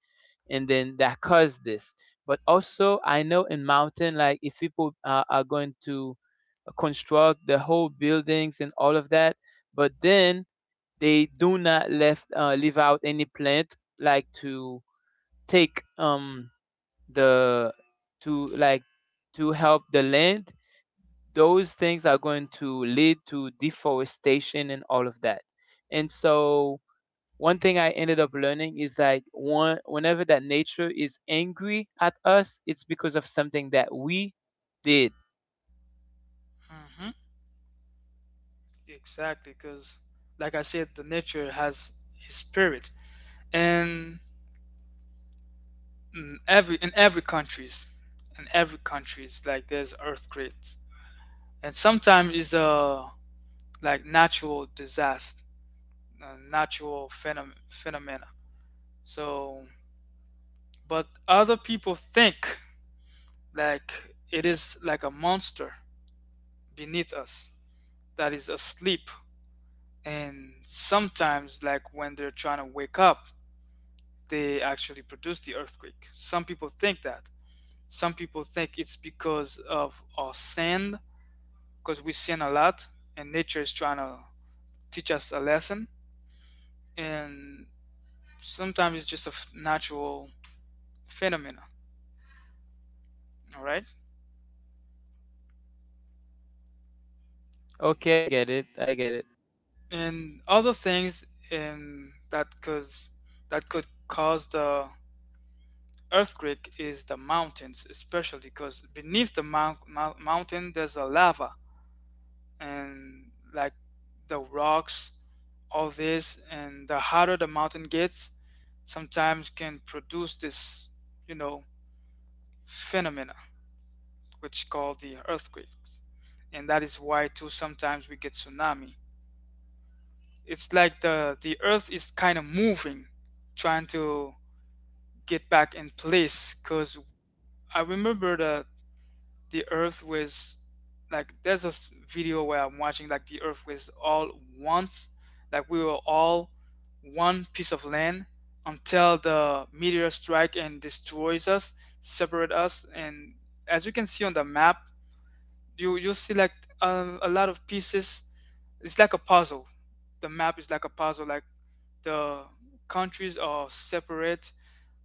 [SPEAKER 2] and then that caused this. But also, I know in mountain, like if people are going to construct the whole buildings and all of that, but then they do not left leave out any plant like to take the to like to help the land. Those things are going to lead to deforestation and all of that. And so one thing I ended up learning is like one whenever that nature is angry at us, it's because of something that we did.
[SPEAKER 1] hmm, exactly, because, like I said, the nature has his spirit. And in every countries, in every countries, like, there's earthquakes. And sometimes it's a, like, natural disaster, natural phenomena. So, but other people think, like, it is like a monster beneath us that is asleep, and sometimes, like, when they're trying to wake up, they actually produce the earthquake. Some people think that, some people think it's because of our sin, because we sin a lot, and nature is trying to teach us a lesson. And sometimes it's just a natural phenomena. All right.
[SPEAKER 2] Okay, I get it. I get it.
[SPEAKER 1] And other things, that cause, that could cause the earthquake is the mountains, especially because beneath the mountain there's a lava, and, like, the rocks, all this. And the harder the mountain gets, sometimes can produce this, you know, phenomena, which called the earthquakes. And that is why too sometimes we get tsunami. It's like the earth is kind of moving, trying to get back in place. Cause I remember the earth was, like, there's a video where I'm watching, like, the earth was all once, like, we were all one piece of land until the meteor strike and destroys us, separate us, and as you can see on the map, you'll see like a lot of pieces. It's like a puzzle, the map is like a puzzle, like the countries are separate,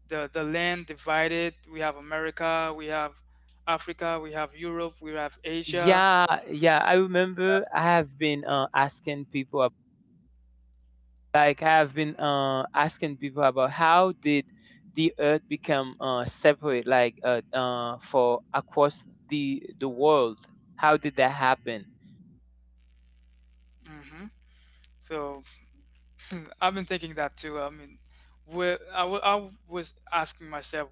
[SPEAKER 1] the land divided. We have America, we have Africa, we have Europe, we have Asia.
[SPEAKER 2] Yeah, I remember I have been asking people like I have been asking people about how did the earth become separate like for across the world? How did that happen?
[SPEAKER 1] Hmm. So I've been thinking that too. I mean, where I was asking myself,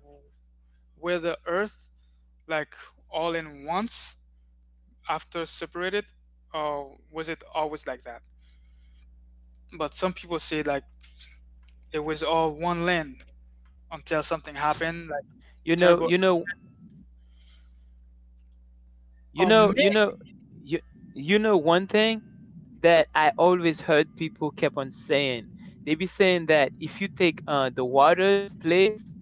[SPEAKER 1] where the earth, like, all in once, after separated, or was it always like that? But some people say, like, it was all one land until something happened, like,
[SPEAKER 2] You know,
[SPEAKER 1] terrible.
[SPEAKER 2] you know, you
[SPEAKER 1] Oh
[SPEAKER 2] know, you
[SPEAKER 1] man.
[SPEAKER 2] know, you you know one thing that I always heard people kept on saying. They be saying that if you take the water's place,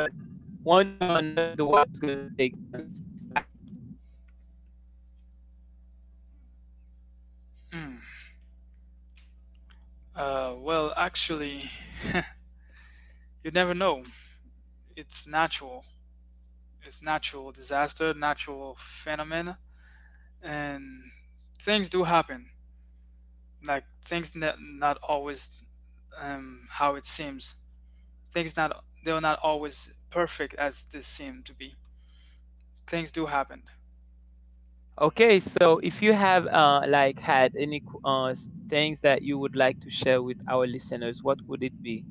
[SPEAKER 2] one way or another, the water is going to take its place back.
[SPEAKER 1] Mm. Well, actually, you never know. It's natural. It's natural disaster, natural phenomena, and things do happen. Like things not always, how it seems. Things not, they're not always perfect as they seem to be. Things do happen.
[SPEAKER 2] Okay, so if you have like had any things that you would like to share with our listeners, what would it be?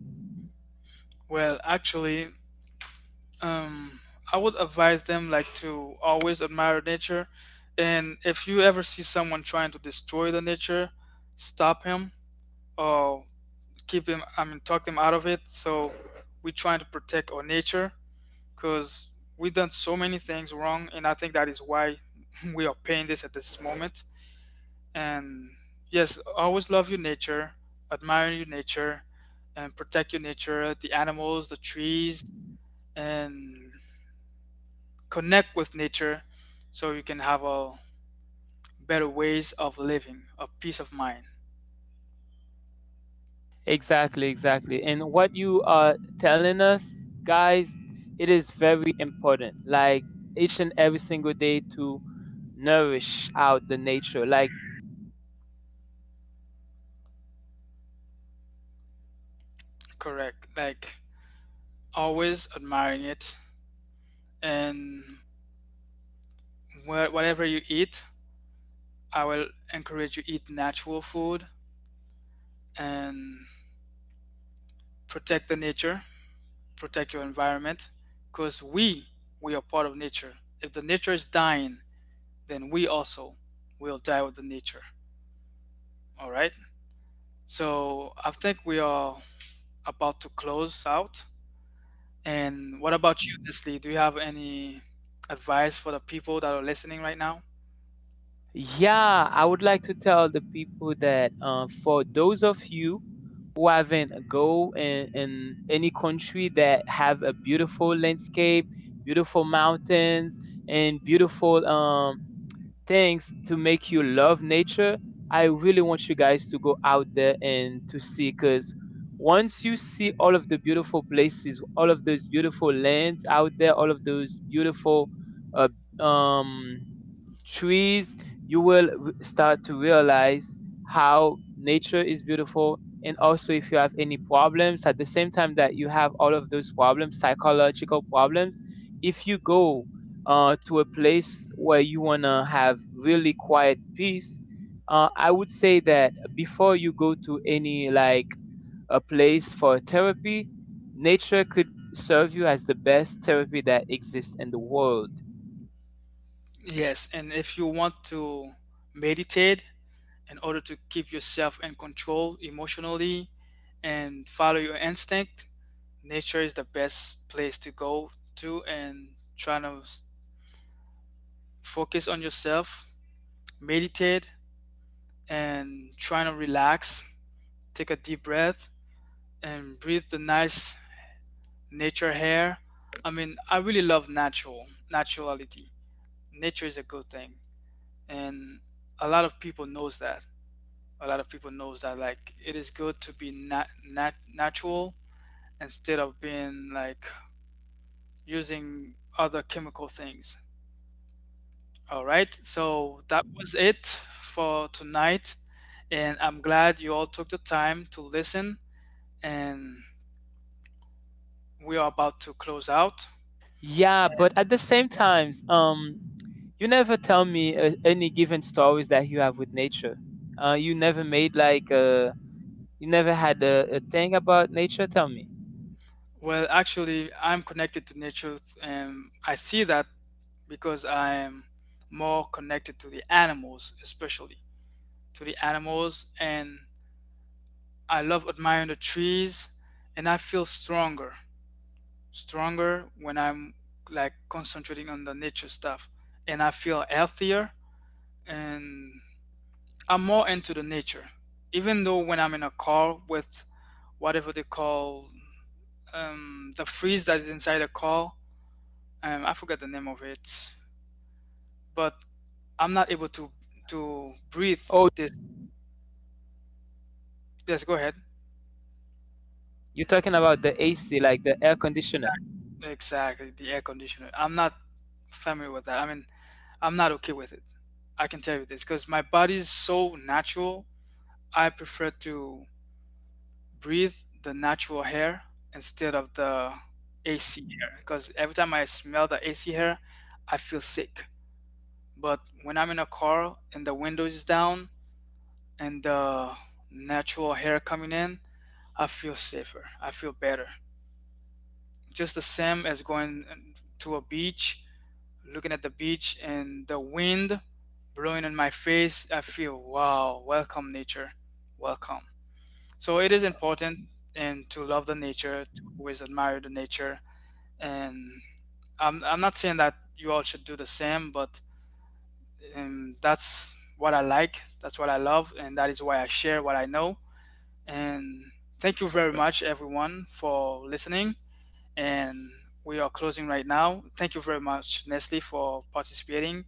[SPEAKER 1] Well, actually, um, I would advise them, like, to always admire nature, and if you ever see someone trying to destroy the nature, stop him, or keep him. I mean, talk them out of it. So we're trying to protect our nature because we've done so many things wrong, and I think that is why we are paying this at this moment. And yes, always love your nature, admire your nature, and protect your nature, the animals, the trees, and connect with nature so you can have a better ways of living, a peace of mind.
[SPEAKER 2] Exactly, exactly. And what you are telling us, guys, it is very important. Like each and every single day to nourish out the nature. Like
[SPEAKER 1] Correct, like always admiring it. And where, whatever you eat, I will encourage you eat natural food, and protect the nature, protect your environment, because we are part of nature. If the nature is dying, then we also will die with the nature. All right. So I think we are about to close out. And what about you, Leslie? Do you have any advice for the people that are listening right now?
[SPEAKER 2] yeah, I would like to tell the people that for those of you who haven't go in any country that have a beautiful landscape, beautiful mountains, and beautiful things to make you love nature, I really want you guys to go out there and to see, because once you see all of the beautiful places, all of those beautiful lands out there, all of those beautiful uh, um trees, you will start to realize how nature is beautiful. And also, if you have any problems, at the same time that you have all of those problems, psychological problems, if you go to a place where you want to have really quiet peace, I would say that before you go to any like a place for therapy, nature could serve you as the best therapy that exists in the world.
[SPEAKER 1] Yes, and if you want to meditate in order to keep yourself in control emotionally and follow your instinct, nature is the best place to go to, and trying to focus on yourself, meditate, and trying to relax. Take a deep breath and breathe the nice nature air. I mean, I really love natural naturality. Nature is a good thing, and a lot of people knows that. A lot of people knows that, like, it is good to be natural instead of being, like, using other chemical things. All right, so that was it for tonight, and I'm glad you all took the time to listen. And we are about to close out.
[SPEAKER 2] Yeah, but at the same times, you never tell me any given stories that you have with nature. You never made like you never had a thing about nature. Tell me.
[SPEAKER 1] Well, actually, I'm connected to nature, and I see that because I'm more connected to the animals, especially to the animals, and I love admiring the trees, and I feel stronger when I'm, like, concentrating on the nature stuff, and I feel healthier, and I'm more into the nature. Even though when I'm in a car with whatever they call, the freeze that is inside the car, I forget the name of it, but I'm not able to breathe. This, yes, go ahead.
[SPEAKER 2] You're talking about the AC, like the air conditioner.
[SPEAKER 1] Exactly, the air conditioner. I'm not familiar with that. I mean, I'm not okay with it. I can tell you this because my body's so natural. I prefer to breathe the natural hair instead of the AC hair, because every time I smell the AC hair, I feel sick. But when I'm in a car and the window is down and the natural hair coming in, I feel safer. I feel better. Just the same as going to a beach, looking at the beach and the wind blowing in my face, I feel, wow, welcome nature. Welcome. So it is important, and to love the nature, to always admire the nature. And I'm not saying that you all should do the same, but that's what I like, that's what I love, and that is why I share what I know. And thank you very much, everyone, for listening. And we are closing right now. Thank you very much, Nestle, for participating,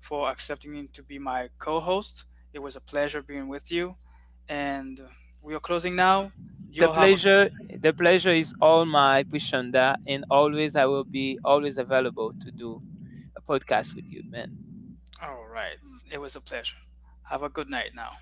[SPEAKER 1] for accepting me to be my co-host. It was a pleasure being with you. And we are closing now. You
[SPEAKER 2] The
[SPEAKER 1] all have a.
[SPEAKER 2] pleasure, the pleasure is all my pushanda, and always I will be always available to podcast with you.
[SPEAKER 1] All right. It was a pleasure. Have a good night now.